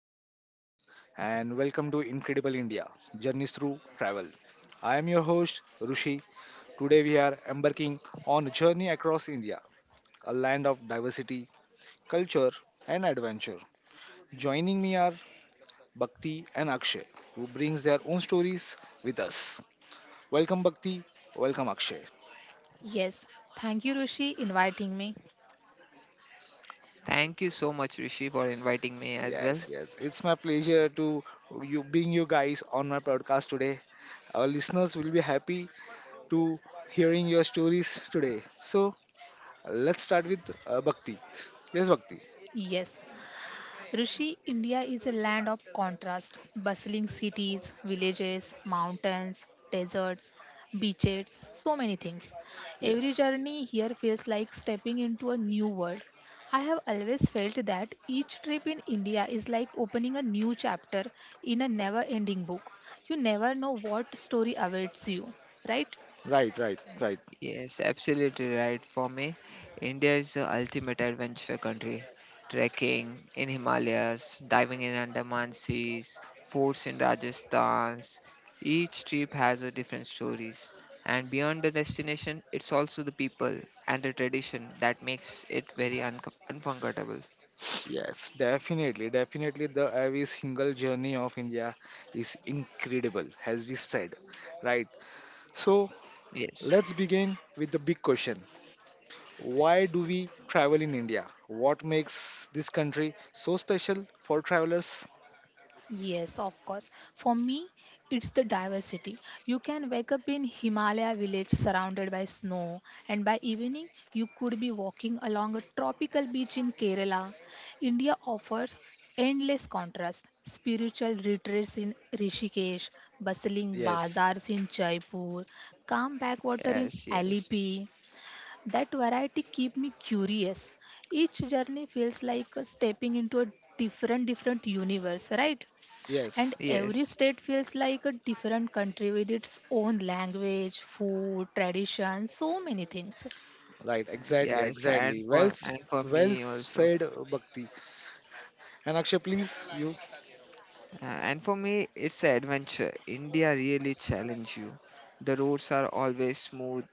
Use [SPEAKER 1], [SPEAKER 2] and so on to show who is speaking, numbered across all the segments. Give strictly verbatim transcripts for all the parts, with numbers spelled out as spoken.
[SPEAKER 1] namaskar, and welcome to Incredible India Journeys Through Travel. I am your host, Rushi. Today we are embarking on a journey across India, a land of diversity, culture, and adventure. Joining me are Bhakti and Akshay, who brings their own stories with us. Welcome, Bhakti. Welcome, Akshay.
[SPEAKER 2] Yes, thank you, Rishi, inviting me.
[SPEAKER 3] Thank you so much, Rishi, for inviting me as well.
[SPEAKER 1] Yes, yes, it's my pleasure to you bring you guys on my podcast today. Our listeners will be happy to hearing your stories today. So let's start with uh, Bhakti. Yes, Bhakti.
[SPEAKER 2] Yes, Rishi, India is a land of contrast bustling cities, villages, mountains, deserts, beaches, so many things. Every
[SPEAKER 1] Yes.
[SPEAKER 2] journey here feels like stepping into a new world. I have always felt that each trip in India is like opening a new chapter in a never ending book. You never know what story awaits you, right?
[SPEAKER 1] Right, right, right.
[SPEAKER 3] Yes, absolutely right. For me, India is the ultimate adventure country. Trekking in Himalayas, diving in Andaman seas, forts in Rajasthan. Each trip has a different stories. And beyond the destination, it's also the people and the tradition that makes it very un- unforgettable.
[SPEAKER 1] Yes. Definitely, definitely, the every single journey of India is incredible, as we said, right? So
[SPEAKER 3] Yes,
[SPEAKER 1] let's begin with the big question: why do we travel in India? What makes this country so special for travelers?
[SPEAKER 2] Yes, of course. For me, it's the diversity. You can wake up in Himalaya village surrounded by snow, and by evening, you could be walking along a tropical beach in Kerala. India offers endless contrast spiritual retreats in Rishikesh, bustling
[SPEAKER 1] Yes.
[SPEAKER 2] bazaars in Jaipur, calm backwater in
[SPEAKER 3] yes, yes,
[SPEAKER 2] Alipi. That variety keep me curious. Each journey feels like stepping into a different different universe, right? And
[SPEAKER 1] Yes.
[SPEAKER 2] every
[SPEAKER 3] yes,
[SPEAKER 2] state feels like a different country with its own language, food, tradition, so many things.
[SPEAKER 1] Right, exactly,
[SPEAKER 3] yes. And
[SPEAKER 1] exactly. Well,
[SPEAKER 3] for
[SPEAKER 1] s-
[SPEAKER 3] and for
[SPEAKER 1] well
[SPEAKER 3] me also.
[SPEAKER 1] said, Bhakti. And Akshay, please, you.
[SPEAKER 3] Uh, and for me, it's an adventure. India really challenge you. The roads are always smooth.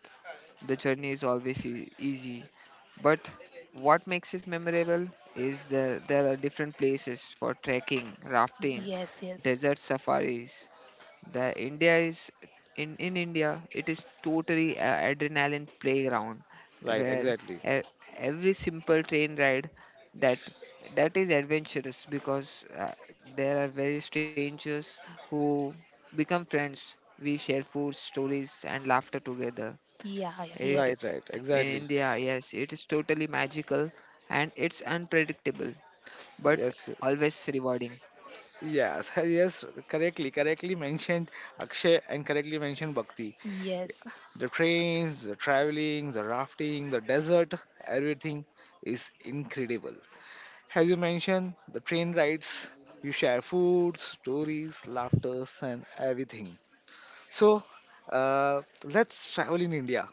[SPEAKER 3] The journey is always e- easy. But what makes it memorable is that there are different places for trekking, rafting,
[SPEAKER 2] Yes, yes.
[SPEAKER 3] desert safaris. The India is in in India, it is totally a adrenaline playground
[SPEAKER 1] Right,
[SPEAKER 3] where
[SPEAKER 1] exactly.
[SPEAKER 3] e- every simple train ride that that is adventurous because uh, there are very strangers who become friends. We share food, stories, and laughter together.
[SPEAKER 2] Yeah, yeah,
[SPEAKER 3] It
[SPEAKER 1] Right,
[SPEAKER 2] yes.
[SPEAKER 1] right,
[SPEAKER 3] in
[SPEAKER 1] exactly.
[SPEAKER 3] India, yes, it is totally magical and it's unpredictable, but
[SPEAKER 1] Yes,
[SPEAKER 3] always rewarding.
[SPEAKER 1] yes, yes, correctly, correctly mentioned Akshay and correctly mentioned Bhakti.
[SPEAKER 2] Yes,
[SPEAKER 1] The trains, the traveling, the rafting, the desert, everything is incredible. As you mentioned, the train rides, you share food, stories, laughters, and everything. So, uh, let's travel in India.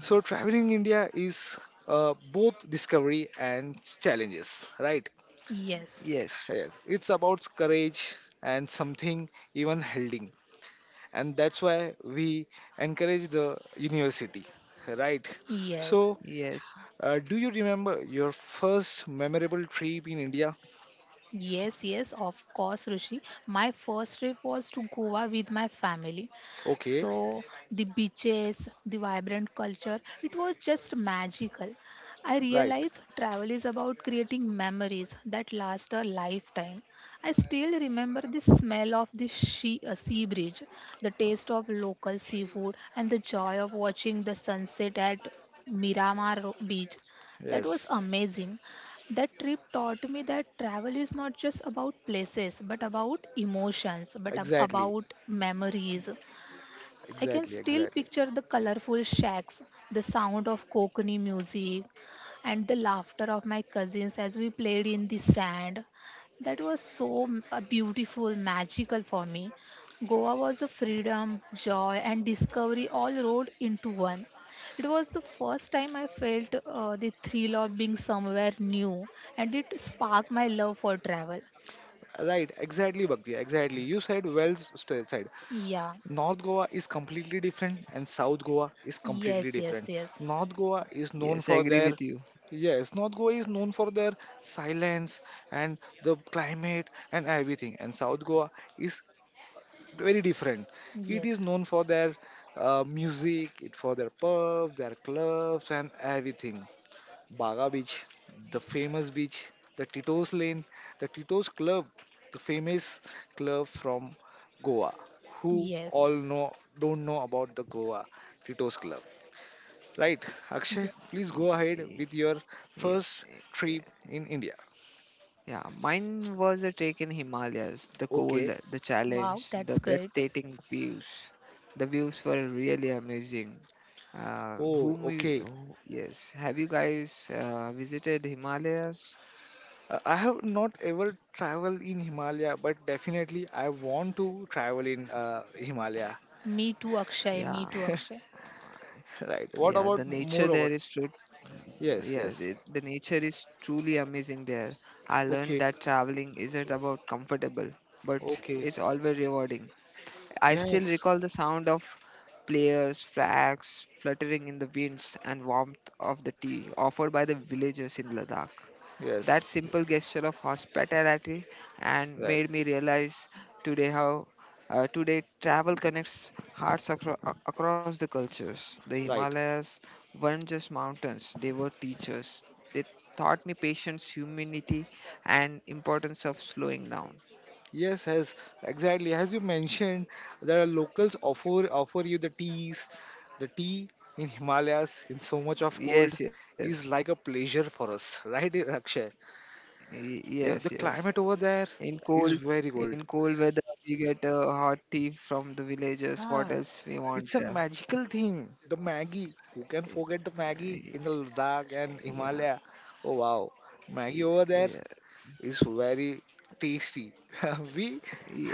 [SPEAKER 1] So, traveling in India is uh, both discovery and challenges, right?
[SPEAKER 2] yes,
[SPEAKER 3] Yes,
[SPEAKER 1] Yes, it's about courage and something even holding. And that's why we encourage the university, right?
[SPEAKER 2] yes.
[SPEAKER 1] So,
[SPEAKER 3] yes,
[SPEAKER 1] uh, do you remember your first memorable trip in India?
[SPEAKER 2] Yes, yes, of course, Rishi. My first trip was to Goa with my family.
[SPEAKER 1] Okay,
[SPEAKER 2] So, the beaches, the vibrant culture, it was just magical. I
[SPEAKER 1] right.
[SPEAKER 2] realized travel is about creating memories that last a lifetime. I still remember the smell of the she, uh, sea bridge, the taste of local seafood, and the joy of watching the sunset at Miramar Ro- Beach. That was
[SPEAKER 1] Yes,
[SPEAKER 2] amazing. That trip taught me that travel is not just about places, but about emotions, but ab-
[SPEAKER 1] exactly.
[SPEAKER 2] about memories. I can
[SPEAKER 1] Exactly,
[SPEAKER 2] still
[SPEAKER 1] exactly.
[SPEAKER 2] picture the colorful shacks, the sound of Kokani music, and the laughter of my cousins as we played in the sand. That was so m- uh, beautiful, magical for me. Goa was a freedom, joy, and discovery all rolled into one. It was the first time I felt uh, the thrill of being somewhere new, and it sparked my love for travel.
[SPEAKER 1] Right, exactly, Bhakti, exactly. You said well s- said.
[SPEAKER 2] Yeah,
[SPEAKER 1] North Goa is completely different and South Goa is completely
[SPEAKER 2] yes, yes,
[SPEAKER 1] different.
[SPEAKER 2] yes,
[SPEAKER 1] North Goa is known
[SPEAKER 3] yes. I
[SPEAKER 1] for
[SPEAKER 3] agree
[SPEAKER 1] their
[SPEAKER 3] with you.
[SPEAKER 1] yes, North Goa is known for their silence and the climate and everything, and South Goa is very different. It is
[SPEAKER 2] yes,
[SPEAKER 1] known for their uh, music, it for their pub, their clubs and everything. Baga Beach, the famous beach, the Tito's Lane, the Tito's Club, the famous club from Goa. Who
[SPEAKER 2] yes,
[SPEAKER 1] all know don't know about the Goa Tito's Club, right? Akshay,
[SPEAKER 2] yes.
[SPEAKER 1] please go ahead with your
[SPEAKER 3] Yes.
[SPEAKER 1] first trip in India.
[SPEAKER 3] Yeah, mine was a trek in Himalayas. The
[SPEAKER 1] Okay.
[SPEAKER 3] cold, the
[SPEAKER 2] Wow,
[SPEAKER 3] challenge, the
[SPEAKER 2] that's great.
[SPEAKER 3] breathtaking views. The views were really amazing. Uh,
[SPEAKER 1] Oh,
[SPEAKER 3] whom you,
[SPEAKER 1] okay.
[SPEAKER 3] who- yes, have you guys uh, visited Himalayas?
[SPEAKER 1] Uh, I have not ever traveled in Himalaya, but definitely I want to travel in uh, Himalaya.
[SPEAKER 2] Me too, Akshay. Me
[SPEAKER 3] Yeah,
[SPEAKER 2] too, Akshay.
[SPEAKER 1] Right.
[SPEAKER 3] yeah. The
[SPEAKER 1] What about
[SPEAKER 3] nature there
[SPEAKER 1] more
[SPEAKER 3] is
[SPEAKER 1] about?
[SPEAKER 3] true.
[SPEAKER 1] Yes,
[SPEAKER 3] Yes, it,
[SPEAKER 1] yes.
[SPEAKER 3] the nature is truly amazing there. I learned
[SPEAKER 1] Okay,
[SPEAKER 3] that traveling isn't about comfortable, but
[SPEAKER 1] okay.
[SPEAKER 3] it's always rewarding. I still
[SPEAKER 1] Yes,
[SPEAKER 3] recall the sound of players' flags fluttering in the winds and warmth of the tea offered by the villagers in Ladakh. That
[SPEAKER 1] yes, yes,
[SPEAKER 3] simple gesture of hospitality and
[SPEAKER 1] right,
[SPEAKER 3] made me realize today how uh, today travel connects hearts acro- a- across the cultures. The
[SPEAKER 1] right.
[SPEAKER 3] Himalayas weren't just mountains; they were teachers. They taught me patience, humility, and importance of slowing down.
[SPEAKER 1] Yes, as exactly as you mentioned, there are locals offer offer you the teas. The tea in Himalayas in so much of cold
[SPEAKER 3] Yes, yes,
[SPEAKER 1] is like a pleasure for us, right, Akshay?
[SPEAKER 3] Y-
[SPEAKER 1] Yeah, the
[SPEAKER 3] yes, yes.
[SPEAKER 1] climate over there
[SPEAKER 3] In
[SPEAKER 1] is
[SPEAKER 3] cold,
[SPEAKER 1] very cold.
[SPEAKER 3] in cold weather, we get a hot tea from the villagers. What
[SPEAKER 1] Ah,
[SPEAKER 3] else we want?
[SPEAKER 1] it's a
[SPEAKER 3] Uh,
[SPEAKER 1] magical thing. The Maggie. Who can forget the Maggie
[SPEAKER 3] y-
[SPEAKER 1] in the Ladakh and
[SPEAKER 3] yeah,
[SPEAKER 1] Himalaya? Oh wow, Maggie
[SPEAKER 3] y-
[SPEAKER 1] over there
[SPEAKER 3] yeah,
[SPEAKER 1] is very tasty. we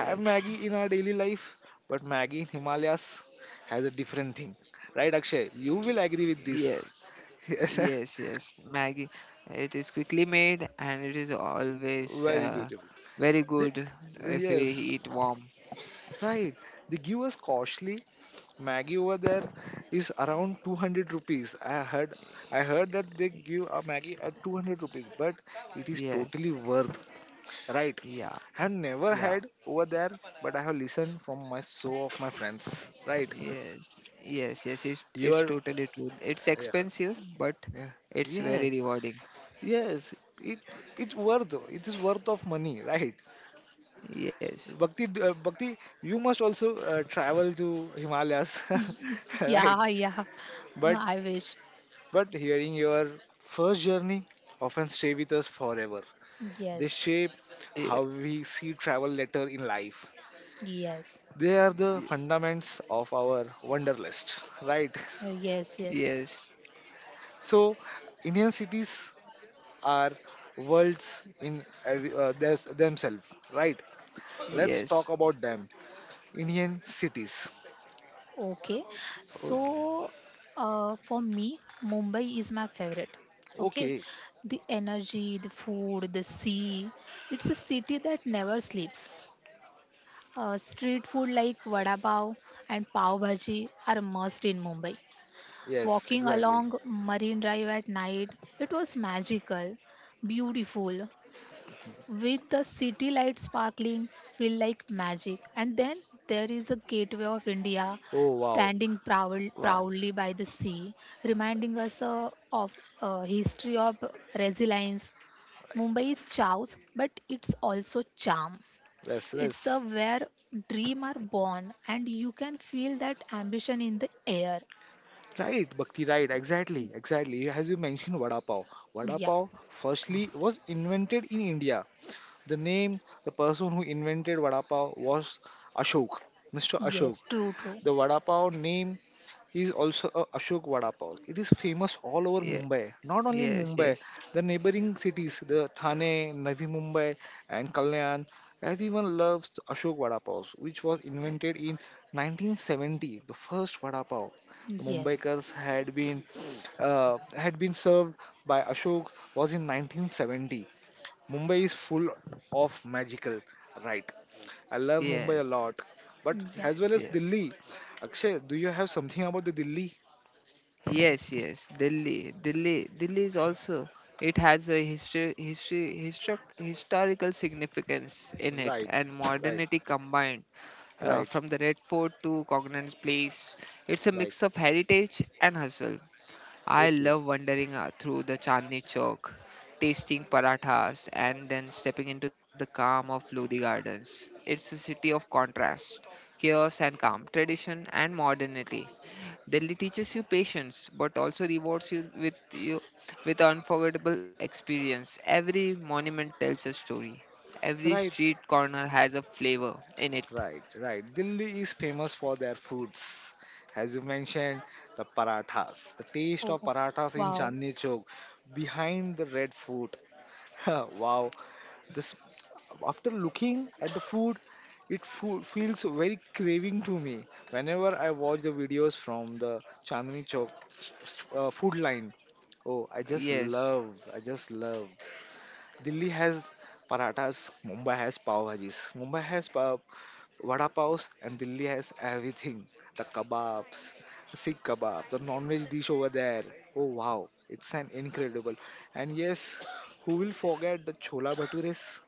[SPEAKER 1] have Maggie in our daily life, but Maggie in Himalayas has a different thing. Right, Akshay? You
[SPEAKER 3] y-
[SPEAKER 1] will agree with this.
[SPEAKER 3] yes,
[SPEAKER 1] Yes,
[SPEAKER 3] yes, yes. Maggie, it is quickly made and it is always
[SPEAKER 1] very
[SPEAKER 3] uh,
[SPEAKER 1] beautiful.
[SPEAKER 3] very
[SPEAKER 1] They,
[SPEAKER 3] good if we
[SPEAKER 1] yes,
[SPEAKER 3] eat warm.
[SPEAKER 1] right. They give us costly. Maggie over there is around two hundred rupees. I heard I heard that they give a Maggie at two hundred rupees, but it is
[SPEAKER 3] Yes,
[SPEAKER 1] totally worth. Right.
[SPEAKER 3] yeah,
[SPEAKER 1] I have never
[SPEAKER 3] yeah,
[SPEAKER 1] had over there, but I have listened from my so of my friends. Right.
[SPEAKER 3] yes, yes, yes. It's
[SPEAKER 1] You
[SPEAKER 3] it's
[SPEAKER 1] are
[SPEAKER 3] totally true. It's
[SPEAKER 1] yeah.
[SPEAKER 3] expensive, but
[SPEAKER 1] Yeah,
[SPEAKER 3] it's
[SPEAKER 1] yeah,
[SPEAKER 3] very rewarding.
[SPEAKER 1] yes. It it's worth. It is worth of money. Right.
[SPEAKER 3] Yes.
[SPEAKER 1] Bhakti, uh, Bhakti, you must also uh, travel to Himalayas.
[SPEAKER 2] Y-
[SPEAKER 1] right.
[SPEAKER 2] Yeah, yeah.
[SPEAKER 1] But
[SPEAKER 2] I wish.
[SPEAKER 1] but hearing your first journey often stay with us forever. They
[SPEAKER 2] Yes,
[SPEAKER 1] shape how we see travel later in life.
[SPEAKER 2] yes.
[SPEAKER 1] They are the
[SPEAKER 3] Yes.
[SPEAKER 1] fundaments of our wanderlust, right?
[SPEAKER 2] Uh, yes, yes.
[SPEAKER 3] Yes.
[SPEAKER 1] So, Indian cities are worlds in every- uh, theirs- themselves, right? Let's talk
[SPEAKER 3] Yes.
[SPEAKER 1] about them. Indian cities.
[SPEAKER 2] Okay.
[SPEAKER 3] Okay.
[SPEAKER 2] So, uh, for me, Mumbai is my favorite. Okay.
[SPEAKER 1] Okay,
[SPEAKER 2] The energy, the food, the sea. It's a city that never sleeps. Uh, street food like vada pav and pav bhaji are a must in Mumbai.
[SPEAKER 1] yes,
[SPEAKER 2] Walking
[SPEAKER 1] exactly.
[SPEAKER 2] along Marine Drive at night, it was magical, beautiful, with the city lights sparkling, feel like magic. And then there is a gateway of India
[SPEAKER 1] Oh wow,
[SPEAKER 2] standing proud,
[SPEAKER 3] Wow.
[SPEAKER 2] proudly by the sea, reminding us uh, of a history of resilience. Mumbai is chaos, but it's also charm.
[SPEAKER 1] yes,
[SPEAKER 2] It's a
[SPEAKER 1] yes.
[SPEAKER 2] where dream are born, and you can feel that ambition in the air.
[SPEAKER 1] Right, Bhakti, right, exactly, exactly. You- As you mentioned, Vada Pav. Vada
[SPEAKER 2] Yeah,
[SPEAKER 1] Pav firstly was invented in India. The name, the person who invented Vada Pav was Ashok, mister Ashok.
[SPEAKER 2] yes, true, true.
[SPEAKER 1] The vada pav name is also a Ashok vada pav. It is famous all over
[SPEAKER 3] Yeah.
[SPEAKER 1] Mumbai. Not only in
[SPEAKER 3] Yes.
[SPEAKER 1] Mumbai,
[SPEAKER 3] Yes.
[SPEAKER 1] the neighboring cities, the Thane, Navi Mumbai, and Kalyan. Everyone loves the Ashok vada pav, which was
[SPEAKER 3] eh,
[SPEAKER 1] invented in nineteen seventy. The first vada pav the
[SPEAKER 2] Yes.
[SPEAKER 1] Mumbaikars had been uh, had been served by Ashok was in nineteen seventy. Mumbai is full of magical, right? I love Mumbai a
[SPEAKER 3] Yes.
[SPEAKER 1] lot, but
[SPEAKER 2] Yeah.
[SPEAKER 1] as well as
[SPEAKER 3] Yeah.
[SPEAKER 1] Delhi. Akshay, do you have something about the Delhi?
[SPEAKER 3] Yes. Yes. Delhi. Delhi. Delhi is also. It has a history, history, history, historical significance in it,
[SPEAKER 1] Right,
[SPEAKER 3] and
[SPEAKER 1] right,
[SPEAKER 3] modernity combined. Uh,
[SPEAKER 1] right,
[SPEAKER 3] from the Red Fort to Cognan's Place, it's a
[SPEAKER 1] right.
[SPEAKER 3] mix of heritage and hustle. I
[SPEAKER 1] Okay,
[SPEAKER 3] love wandering uh, through the Chandni Chowk, tasting parathas, and then stepping into the calm of Lodi Gardens. It's a city of contrast, chaos and calm, tradition and modernity. Delhi teaches you patience, but also rewards you with you with unforgettable experience. Every monument tells a story. Every
[SPEAKER 1] right,
[SPEAKER 3] street corner has a flavor in it.
[SPEAKER 1] right, right. Delhi is famous for their foods. As you mentioned, the parathas. The taste
[SPEAKER 2] Oh,
[SPEAKER 1] of parathas in
[SPEAKER 2] wow.
[SPEAKER 1] Chandni Chowk, behind the Red Fort, wow. This after looking at the food, it fo- feels very craving to me. Whenever I watch the videos from the Chandni Chowk s- s- uh, food line, oh, I just
[SPEAKER 3] Yes,
[SPEAKER 1] love, I just love. Delhi has parathas, Mumbai has pav bhajis, Mumbai has pav, vada pavs, and Delhi has everything. The kebabs, Sikh kebab, the non-veg dish over there. Oh wow, it's an incredible. And yes, who will forget the chola bhatures?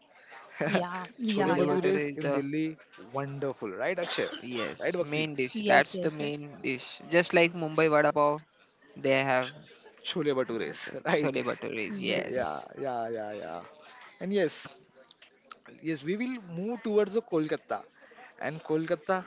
[SPEAKER 2] Yeah.
[SPEAKER 1] Chole
[SPEAKER 2] Yeah.
[SPEAKER 3] chole
[SPEAKER 2] Yeah.
[SPEAKER 3] bhature
[SPEAKER 2] Yeah.
[SPEAKER 1] bhatures
[SPEAKER 3] is
[SPEAKER 1] in
[SPEAKER 3] the,
[SPEAKER 1] Delhi, wonderful, right, Akshay? Right,
[SPEAKER 3] yes,
[SPEAKER 1] Bhakti?
[SPEAKER 3] main dish.
[SPEAKER 2] Yes.
[SPEAKER 3] That's the
[SPEAKER 2] Yes. Yes.
[SPEAKER 3] main dish. Just like Mumbai vada pav, they have
[SPEAKER 1] Chole bhatures,
[SPEAKER 3] the
[SPEAKER 1] right?
[SPEAKER 3] chole bhatures.
[SPEAKER 2] Yes.
[SPEAKER 1] Yeah,
[SPEAKER 2] Yes.
[SPEAKER 3] Yes,
[SPEAKER 1] yeah, yeah, yeah. And yes, yes, we will move towards the Kolkata. And Kolkata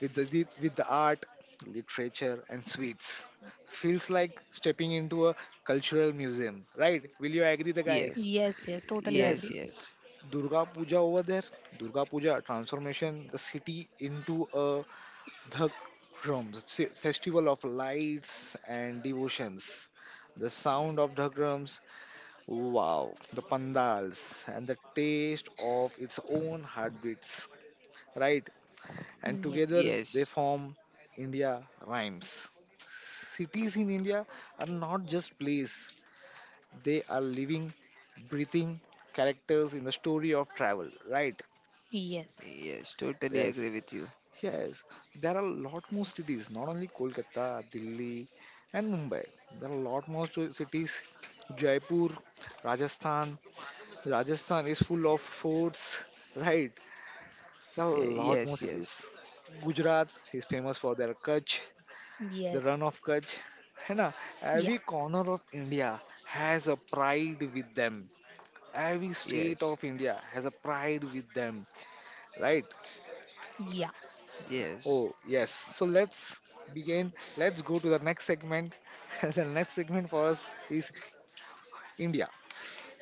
[SPEAKER 1] with the lit- with the art, literature, and sweets. Feels like stepping into a cultural museum, right? Will you agree, the guys?
[SPEAKER 3] yes,
[SPEAKER 2] Yes. Yes. Totally
[SPEAKER 3] yes,
[SPEAKER 1] Yes,
[SPEAKER 2] agree.
[SPEAKER 3] yes,
[SPEAKER 1] Durga Puja over there. Durga Puja transformation the city into a dhak drums se- festival of lights and devotions. The sound of dhak drums, wow, the pandals and the taste of its own heartbeats, right? And
[SPEAKER 2] Yes.
[SPEAKER 1] together they
[SPEAKER 3] yes,
[SPEAKER 1] form India Rhymes. Cities in India are not just place, they are living, breathing characters in the story of travel, right?
[SPEAKER 2] Yes.
[SPEAKER 3] yes. Totally agree
[SPEAKER 1] Yes,
[SPEAKER 3] with you.
[SPEAKER 1] yes. There are a lot more cities, not only Kolkata, Delhi, and Mumbai. There are a lot more sto- cities. Jaipur, Rajasthan. Rajasthan is full of forts, right? There are a
[SPEAKER 3] Ye-
[SPEAKER 1] lot more
[SPEAKER 3] Yes, yes,
[SPEAKER 1] cities. Gujarat is famous for their Kutch, the
[SPEAKER 2] Yes.
[SPEAKER 1] run of Kutch. है ना?
[SPEAKER 2] Yeah.
[SPEAKER 1] Every corner of India has a pride with them. Every state
[SPEAKER 3] yes,
[SPEAKER 1] of India has a pride with them, right?
[SPEAKER 2] Yeah.
[SPEAKER 3] yes,
[SPEAKER 1] Oh, yes. So let's begin. Let's go to the next segment. the next segment for us is India.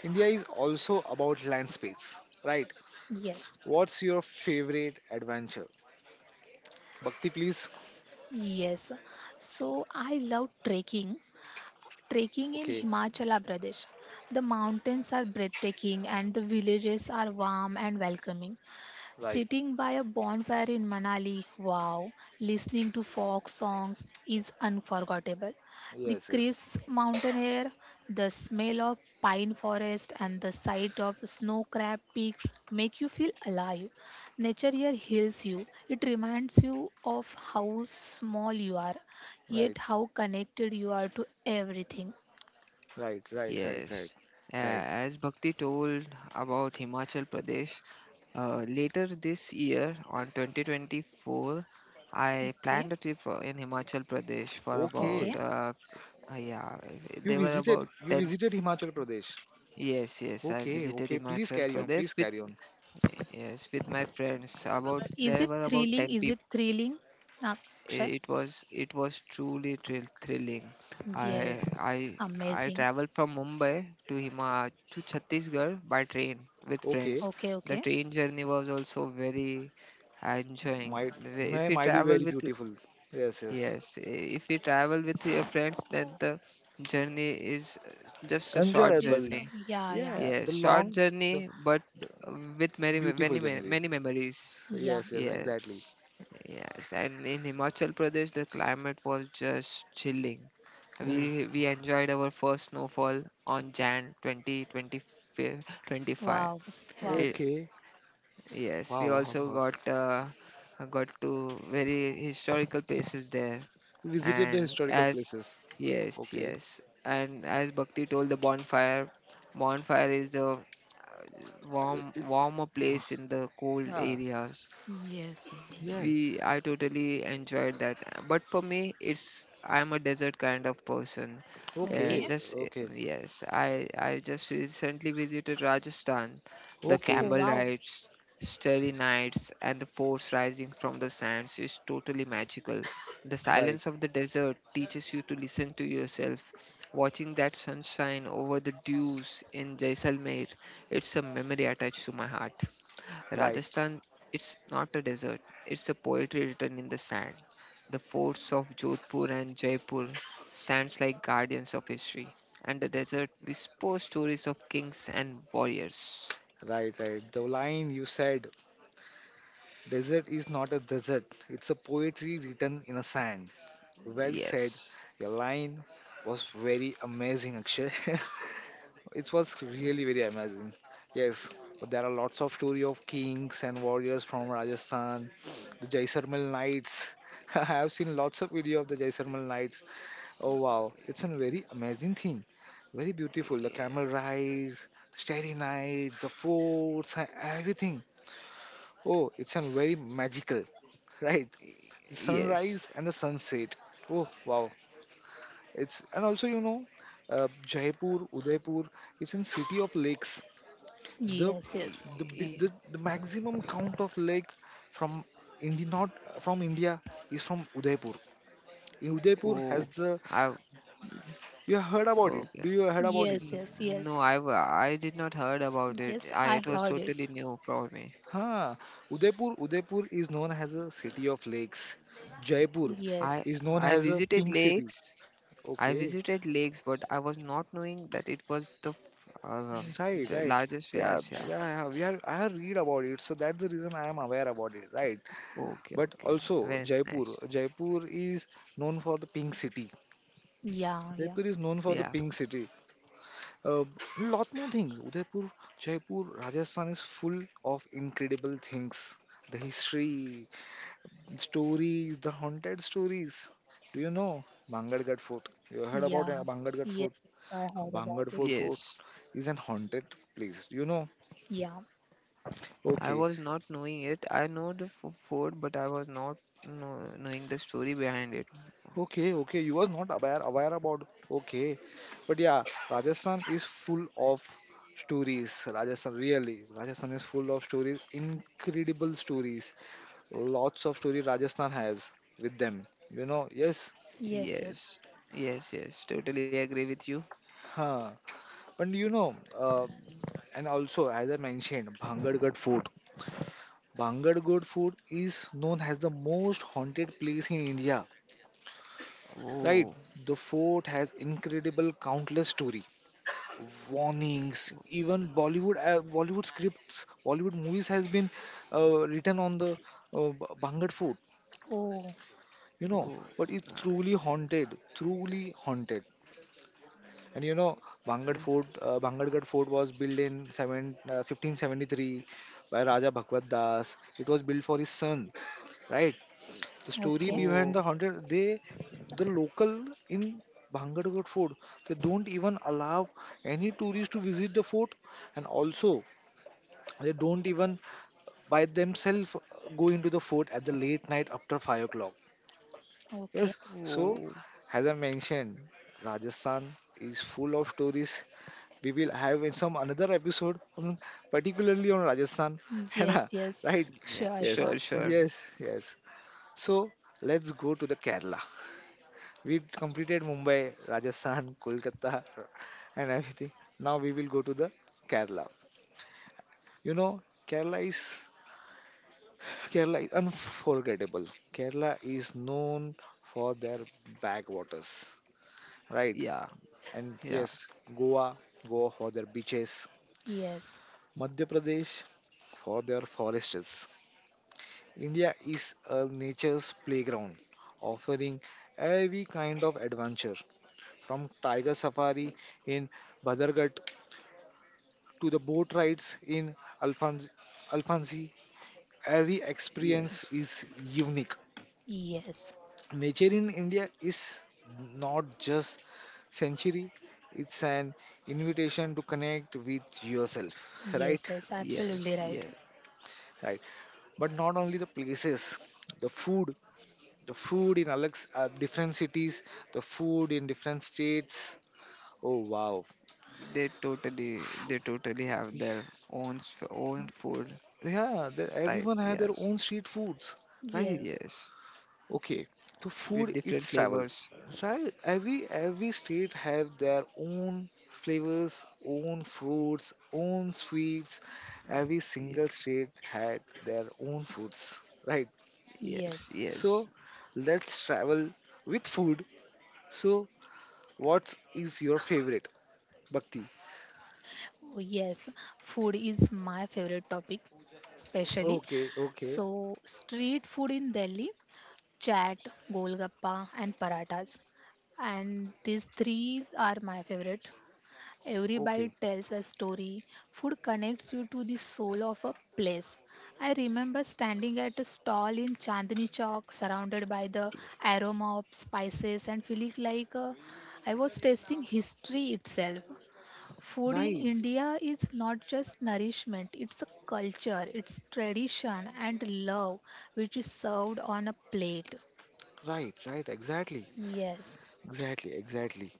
[SPEAKER 1] India is also about land space, right?
[SPEAKER 2] Yes.
[SPEAKER 1] What's your favorite adventure? Bhakti, please.
[SPEAKER 2] Yes. So I love trekking. Trekking in
[SPEAKER 1] Okay,
[SPEAKER 2] Himachal Pradesh. The mountains are breathtaking and the villages are warm and welcoming.
[SPEAKER 1] right.
[SPEAKER 2] Sitting by a bonfire in Manali, wow, listening to folk songs is unforgettable. The
[SPEAKER 1] Yes, yes.
[SPEAKER 2] crisp mountain air, the smell of pine forest, and the sight of snow crab peaks make you feel alive. Nature here heals you. It reminds you of how small you are,
[SPEAKER 1] Right,
[SPEAKER 2] yet how connected you are to everything.
[SPEAKER 1] right, right, right, right,
[SPEAKER 3] yes. Uh,
[SPEAKER 1] right.
[SPEAKER 3] as Bhakti told about Himachal Pradesh, uh, later this year on twenty twenty-four, I
[SPEAKER 2] Okay,
[SPEAKER 3] planned a trip for- in Himachal Pradesh for about
[SPEAKER 2] okay.
[SPEAKER 1] Okay,
[SPEAKER 3] uh, Uh, yeah,
[SPEAKER 1] You
[SPEAKER 3] there were
[SPEAKER 1] visited
[SPEAKER 3] about
[SPEAKER 1] you
[SPEAKER 3] ten.
[SPEAKER 1] visited Himachal Pradesh.
[SPEAKER 3] Yes, yes, I
[SPEAKER 1] Okay,
[SPEAKER 3] visited
[SPEAKER 1] okay. Please
[SPEAKER 3] Himachal
[SPEAKER 1] carry on. Please
[SPEAKER 3] Pradesh with,
[SPEAKER 1] carry on.
[SPEAKER 3] yes, with my friends. About there
[SPEAKER 2] Is it
[SPEAKER 3] were about
[SPEAKER 2] thrilling?
[SPEAKER 3] ten
[SPEAKER 2] Is
[SPEAKER 3] people.
[SPEAKER 2] it thrilling, Akshay?
[SPEAKER 3] It was it was truly thrill, thrilling. I
[SPEAKER 2] Yes,
[SPEAKER 3] I I
[SPEAKER 2] amazing.
[SPEAKER 3] traveled from Mumbai to Hima to Chhattisgarh by train with
[SPEAKER 1] Okay,
[SPEAKER 3] friends.
[SPEAKER 2] Okay,
[SPEAKER 3] The
[SPEAKER 2] okay.
[SPEAKER 3] train journey was also very enjoying.
[SPEAKER 1] might
[SPEAKER 3] The way-
[SPEAKER 1] may
[SPEAKER 3] If you
[SPEAKER 1] might be
[SPEAKER 3] travel
[SPEAKER 1] very
[SPEAKER 3] with
[SPEAKER 1] beautiful. Yes, yes.
[SPEAKER 3] Yes, i- if you travel with your friends, then the journey is uh, just a short
[SPEAKER 2] It's
[SPEAKER 1] Enjoyable.
[SPEAKER 2] uh,
[SPEAKER 3] journey.
[SPEAKER 2] yeah, yeah,
[SPEAKER 1] Yeah, the
[SPEAKER 3] Yes, short
[SPEAKER 1] long, the,
[SPEAKER 3] journey, but
[SPEAKER 1] the
[SPEAKER 3] with many me-
[SPEAKER 1] beautiful
[SPEAKER 3] many me-
[SPEAKER 1] journey.
[SPEAKER 3] many memories.
[SPEAKER 2] yeah.
[SPEAKER 1] Yes, yes,
[SPEAKER 3] Yes,
[SPEAKER 1] exactly.
[SPEAKER 3] yes. And in Himachal Pradesh, the climate was just chilling.
[SPEAKER 1] Oh,
[SPEAKER 3] We we enjoyed our first snowfall on January twentieth, twenty twenty-five.
[SPEAKER 2] Wow, wow.
[SPEAKER 3] Eh,
[SPEAKER 1] okay.
[SPEAKER 3] yes,
[SPEAKER 1] Wow,
[SPEAKER 3] we
[SPEAKER 1] wow,
[SPEAKER 3] also
[SPEAKER 1] wow.
[SPEAKER 3] got uh, got to very historical places there.
[SPEAKER 1] You visited the
[SPEAKER 3] and
[SPEAKER 1] historical
[SPEAKER 3] as
[SPEAKER 1] places.
[SPEAKER 3] yes
[SPEAKER 1] Okay.
[SPEAKER 3] yes and as Bhakti told, the bonfire bonfire is the warm warmer place in the cold
[SPEAKER 1] Yeah,
[SPEAKER 3] areas.
[SPEAKER 2] Yes.
[SPEAKER 1] yeah.
[SPEAKER 3] We I totally enjoyed that. But for me, it's I'm a desert kind of person. Yeah,
[SPEAKER 2] Okay.
[SPEAKER 1] Okay,
[SPEAKER 3] just eh,
[SPEAKER 1] okay,
[SPEAKER 3] yes, I I just recently visited Rajasthan, the
[SPEAKER 2] Oh,
[SPEAKER 1] okay.
[SPEAKER 3] camel
[SPEAKER 2] wow.
[SPEAKER 3] rides, starry nights, and the forts rising from the sands is totally magical. The
[SPEAKER 1] Right,
[SPEAKER 3] silence of the desert teaches you to listen to yourself. Watching that sunshine over the dunes in Jaisalmer, it's a memory attached to my heart.
[SPEAKER 1] right,
[SPEAKER 3] Rajasthan, it's not a desert, it's a poetry written in the sand. The forts of Jodhpur and Jaipur stands like guardians of history, and the desert whispers stories of kings and warriors.
[SPEAKER 1] right, right. The line you said, desert is not a desert. It's a poetry written in a sand. Well said.
[SPEAKER 3] Yes.
[SPEAKER 1] Your line was very amazing, Akshay. it was really very amazing. Yes, but there are lots of story of kings and warriors from Rajasthan, the Jaisalmer Knights. I have seen lots of video of the Jaisalmer Knights. Oh wow, it's a very amazing thing. Very beautiful. The
[SPEAKER 3] Yeah.
[SPEAKER 1] camel rides, the starry night, the forts, and everything. Oh, it's a very magical, right? The
[SPEAKER 3] Yes.
[SPEAKER 1] sunrise and the sunset. Oh wow, it's and also you know, uh, Jaipur, Udaipur, it's in city of lakes. The
[SPEAKER 2] Yes,
[SPEAKER 3] Y-
[SPEAKER 2] yes,
[SPEAKER 1] the bi-
[SPEAKER 3] y-
[SPEAKER 1] the, the maximum count of lake from India not from India is from Udaipur. In Udaipur has
[SPEAKER 3] Oh,
[SPEAKER 1] the
[SPEAKER 3] I
[SPEAKER 1] you have heard about it.
[SPEAKER 3] okay.
[SPEAKER 1] Do you heard about it?
[SPEAKER 2] yes,
[SPEAKER 3] Mm,
[SPEAKER 2] yes,
[SPEAKER 3] No,
[SPEAKER 2] yes.
[SPEAKER 3] I wa- I did not heard about it.
[SPEAKER 2] Yes,
[SPEAKER 3] I
[SPEAKER 2] I
[SPEAKER 3] It was
[SPEAKER 1] Yes.
[SPEAKER 2] heard it.
[SPEAKER 3] totally new for me.
[SPEAKER 1] Huh. Udaipur Udaipur is known as a city of lakes. Jaipur
[SPEAKER 3] I
[SPEAKER 2] Yes.
[SPEAKER 1] is known
[SPEAKER 3] I
[SPEAKER 1] as a
[SPEAKER 3] visited
[SPEAKER 1] pink city.
[SPEAKER 3] lakes. I
[SPEAKER 1] Okay.
[SPEAKER 3] visited lakes, but I was not knowing that it was the f- uh,
[SPEAKER 1] Right,
[SPEAKER 3] the
[SPEAKER 1] right.
[SPEAKER 3] largest way
[SPEAKER 1] Yeah, yeah,
[SPEAKER 3] Asia.
[SPEAKER 1] yeah. We are I have read about it, so that's the reason I am aware about it, right?
[SPEAKER 3] Okay,
[SPEAKER 1] But
[SPEAKER 3] okay,
[SPEAKER 1] also
[SPEAKER 3] very nice.
[SPEAKER 1] Jaipur. Jaipur is known for the pink city.
[SPEAKER 2] Yeah, yeah,
[SPEAKER 1] Jaipur is known for the
[SPEAKER 3] Yeah,
[SPEAKER 1] pink city. A lot more things. Udaipur, Jaipur, Rajasthan is full of incredible things. The history, stories, the haunted stories. Do you know Bangargarh Fort? You heard about
[SPEAKER 2] yeah.
[SPEAKER 1] uh, Bangargarh
[SPEAKER 2] Yes,
[SPEAKER 1] Fort?
[SPEAKER 2] I heard about
[SPEAKER 1] Bangargarh
[SPEAKER 2] it.
[SPEAKER 1] Fort Fort
[SPEAKER 3] yes.
[SPEAKER 1] is an haunted place. Do you know?
[SPEAKER 2] Yeah.
[SPEAKER 3] I
[SPEAKER 1] Okay,
[SPEAKER 3] was not knowing it. I know the f- fort, but I was not know, knowing the story behind it.
[SPEAKER 1] okay, okay. You was not aware aware about okay. But yeah, Rajasthan is full of stories. Rajasthan really. Rajasthan is full of stories, incredible stories. Lots of stories Rajasthan has with them. You know, yes.
[SPEAKER 2] Yes,
[SPEAKER 3] Yes,
[SPEAKER 2] yes.
[SPEAKER 3] yes, yes. Totally agree with you.
[SPEAKER 1] Huh. But you know, uh, and also as I mentioned, Bhangadgad Fort. Bhangadgad Fort is known as the most haunted place in India. Right?
[SPEAKER 3] Oh,
[SPEAKER 1] The fort has incredible countless story warnings, even bollywood uh, bollywood scripts bollywood movies has been uh, written on the uh, b- bangad food,
[SPEAKER 2] Oh,
[SPEAKER 1] you know
[SPEAKER 3] oh,
[SPEAKER 1] but it's truly
[SPEAKER 3] uh,
[SPEAKER 1] haunted, truly haunted. And you know bangad
[SPEAKER 3] yeah.
[SPEAKER 1] fort uh, bangadgad fort was built in seven uh, fifteen seventy-three by Raja Bhagwat Das. It was built for his son, right? The story
[SPEAKER 2] okay,
[SPEAKER 1] behind
[SPEAKER 3] Oh,
[SPEAKER 1] the haunted, they, the local in Bhangadgad fort, they don't even allow any tourists to visit the fort, and also they don't even by themselves go into the fort at the late night after five o'clock.
[SPEAKER 2] okay.
[SPEAKER 1] Yes, so
[SPEAKER 3] oh.
[SPEAKER 1] as I mentioned, Rajasthan is full of stories. We will have in some another episode, on- particularly on Rajasthan. है
[SPEAKER 2] Yes,
[SPEAKER 1] ना?
[SPEAKER 2] yes.
[SPEAKER 1] Right?
[SPEAKER 3] Yeah,
[SPEAKER 2] Sure,
[SPEAKER 3] sure,
[SPEAKER 1] Yes,
[SPEAKER 2] sure.
[SPEAKER 3] sure.
[SPEAKER 1] yes, yes. So let's go to the Kerala. We completed Mumbai, Rajasthan, Kolkata, and everything. Now we will go to the Kerala. You know, Kerala is Kerala is unforgettable. Kerala is known for their backwaters, right?
[SPEAKER 3] Yeah,
[SPEAKER 1] And
[SPEAKER 3] yeah.
[SPEAKER 1] yes, Goa, Goa for their beaches,
[SPEAKER 2] Yes,
[SPEAKER 1] Madhya Pradesh for their forests. India is a nature's playground, offering every kind of adventure, from tiger safari in Badarghat to the boat rides in Alphonse, Alphonse. Every
[SPEAKER 3] Yes,
[SPEAKER 1] experience is unique.
[SPEAKER 2] yes,
[SPEAKER 1] Nature in india is not just century, it's an invitation to connect with yourself
[SPEAKER 2] yes,
[SPEAKER 1] right,
[SPEAKER 2] yes.
[SPEAKER 3] yes,
[SPEAKER 2] Absolutely right.
[SPEAKER 3] yes.
[SPEAKER 1] right, but not only the places, the food, the food in alex uh, different cities, the food in different states, oh wow.
[SPEAKER 3] They totally,
[SPEAKER 1] F-
[SPEAKER 3] they totally have their own s- own food s-
[SPEAKER 1] yeah, the,
[SPEAKER 3] type.
[SPEAKER 1] everyone has their
[SPEAKER 3] Yes,
[SPEAKER 1] own street foods, right?
[SPEAKER 2] Yes,
[SPEAKER 3] yes,
[SPEAKER 1] Okay, so
[SPEAKER 3] with
[SPEAKER 1] food is
[SPEAKER 3] different
[SPEAKER 1] travel,
[SPEAKER 3] flavors.
[SPEAKER 1] right? Every every state have their own flavors, own fruits, own sweets. Every
[SPEAKER 3] Ye-
[SPEAKER 1] single state had their own foods, right?
[SPEAKER 3] Yes,
[SPEAKER 2] yes,
[SPEAKER 3] yes,
[SPEAKER 1] So let's travel with food. So what is your favorite, Bhakti?
[SPEAKER 2] oh yes. Food is my favorite topic, especially.
[SPEAKER 1] Okay, okay,
[SPEAKER 2] So, street food in Delhi, chaat, golgappa, and parathas. And these three are my favorite. Every bite
[SPEAKER 1] okay.
[SPEAKER 2] tells a story. Food connects you to the soul of a place. I remember standing at a stall in Chandni Chowk, surrounded by the aroma of spices, and feeling like uh, I was tasting history itself. Food in
[SPEAKER 1] Right,
[SPEAKER 2] India is not just nourishment, it's a culture, it's tradition and love which is served on a plate.
[SPEAKER 1] right, right. Exactly,
[SPEAKER 2] Yes.
[SPEAKER 1] exactly, exactly.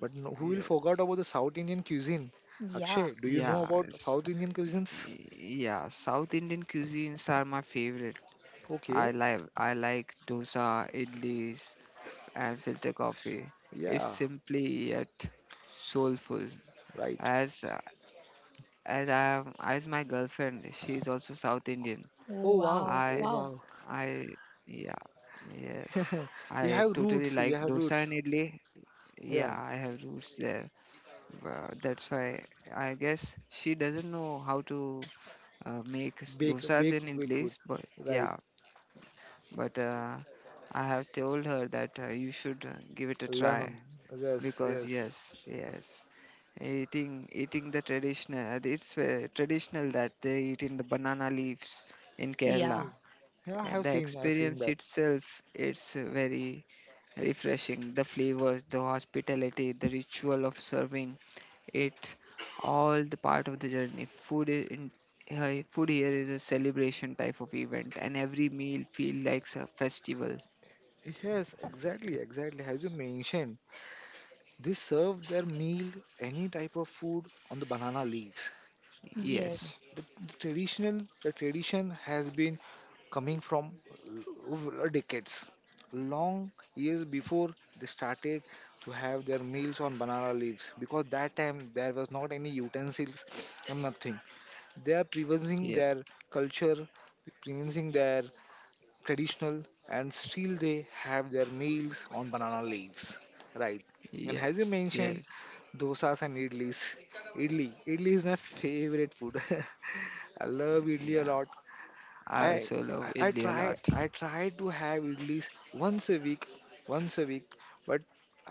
[SPEAKER 1] But no, who will
[SPEAKER 3] yes.
[SPEAKER 1] forget about the South Indian cuisine?
[SPEAKER 2] Yeah.
[SPEAKER 1] Akshay, do you know about
[SPEAKER 3] Yes.
[SPEAKER 1] South Indian cuisines?
[SPEAKER 3] y- Yeah, South Indian cuisines are my favorite. I
[SPEAKER 1] Okay,
[SPEAKER 3] like I like dosa, idlis, and filter coffee. It's
[SPEAKER 1] yeah,
[SPEAKER 3] simply yet soulful.
[SPEAKER 1] right.
[SPEAKER 3] As as I am, as my girlfriend, she is also South Indian. I
[SPEAKER 2] Oh,
[SPEAKER 1] Oh wow,
[SPEAKER 2] wow.
[SPEAKER 1] oh
[SPEAKER 2] Wow.
[SPEAKER 1] wow.
[SPEAKER 3] I yeah, Yes, I
[SPEAKER 1] You
[SPEAKER 3] totally
[SPEAKER 1] have
[SPEAKER 3] like
[SPEAKER 1] roots, you
[SPEAKER 3] dosa
[SPEAKER 1] have
[SPEAKER 3] and
[SPEAKER 1] roots.
[SPEAKER 3] idli. Yeah, I
[SPEAKER 1] Yeah,
[SPEAKER 3] have roots there. Wha- That's why I guess she doesn't know how to uh, make s-
[SPEAKER 1] bake,
[SPEAKER 3] dosas
[SPEAKER 1] bake,
[SPEAKER 3] in
[SPEAKER 1] bake food.
[SPEAKER 3] English. But
[SPEAKER 1] Right,
[SPEAKER 3] yeah, but uh, I have told her that uh, you should uh, give it a try,
[SPEAKER 1] Learn. Yes,
[SPEAKER 3] because
[SPEAKER 1] yes.
[SPEAKER 3] yes, yes, eating eating the traditional, uh, it's uh, traditional that they eat in the banana leaves in
[SPEAKER 2] Yeah.
[SPEAKER 3] Kerala.
[SPEAKER 1] Okay. Yeah, I
[SPEAKER 3] Uh,
[SPEAKER 1] have
[SPEAKER 3] The
[SPEAKER 1] seen, I've seen
[SPEAKER 3] experience
[SPEAKER 1] that.
[SPEAKER 3] itself, it's uh, very refreshing. The flavors, the hospitality, the ritual of serving, it's all the part of the journey. Food I- in hi- food here is a celebration type of event, and every meal feels like a festival.
[SPEAKER 1] Yes, exactly, exactly. As you mentioned, they serve their meal, any type of food on the banana leaves.
[SPEAKER 2] Yes.
[SPEAKER 3] Yes,
[SPEAKER 1] The, the traditional, the tradition has been coming from over decades, long years before they started to have their meals on banana leaves because that time there was not any utensils and nothing. They are preserving
[SPEAKER 3] yes,
[SPEAKER 1] their culture, preserving their traditional, and still they have their meals on banana leaves, right? And as you
[SPEAKER 3] yes,
[SPEAKER 1] mentioned,
[SPEAKER 3] yes,
[SPEAKER 1] dosas and idlis. Idli, idli is my favorite food. I love idli a
[SPEAKER 3] yeah.
[SPEAKER 1] lot.
[SPEAKER 3] I
[SPEAKER 1] I
[SPEAKER 3] also love
[SPEAKER 1] I I
[SPEAKER 3] idli a
[SPEAKER 1] try
[SPEAKER 3] lot.
[SPEAKER 1] I try to have idlis once a week, once a week, but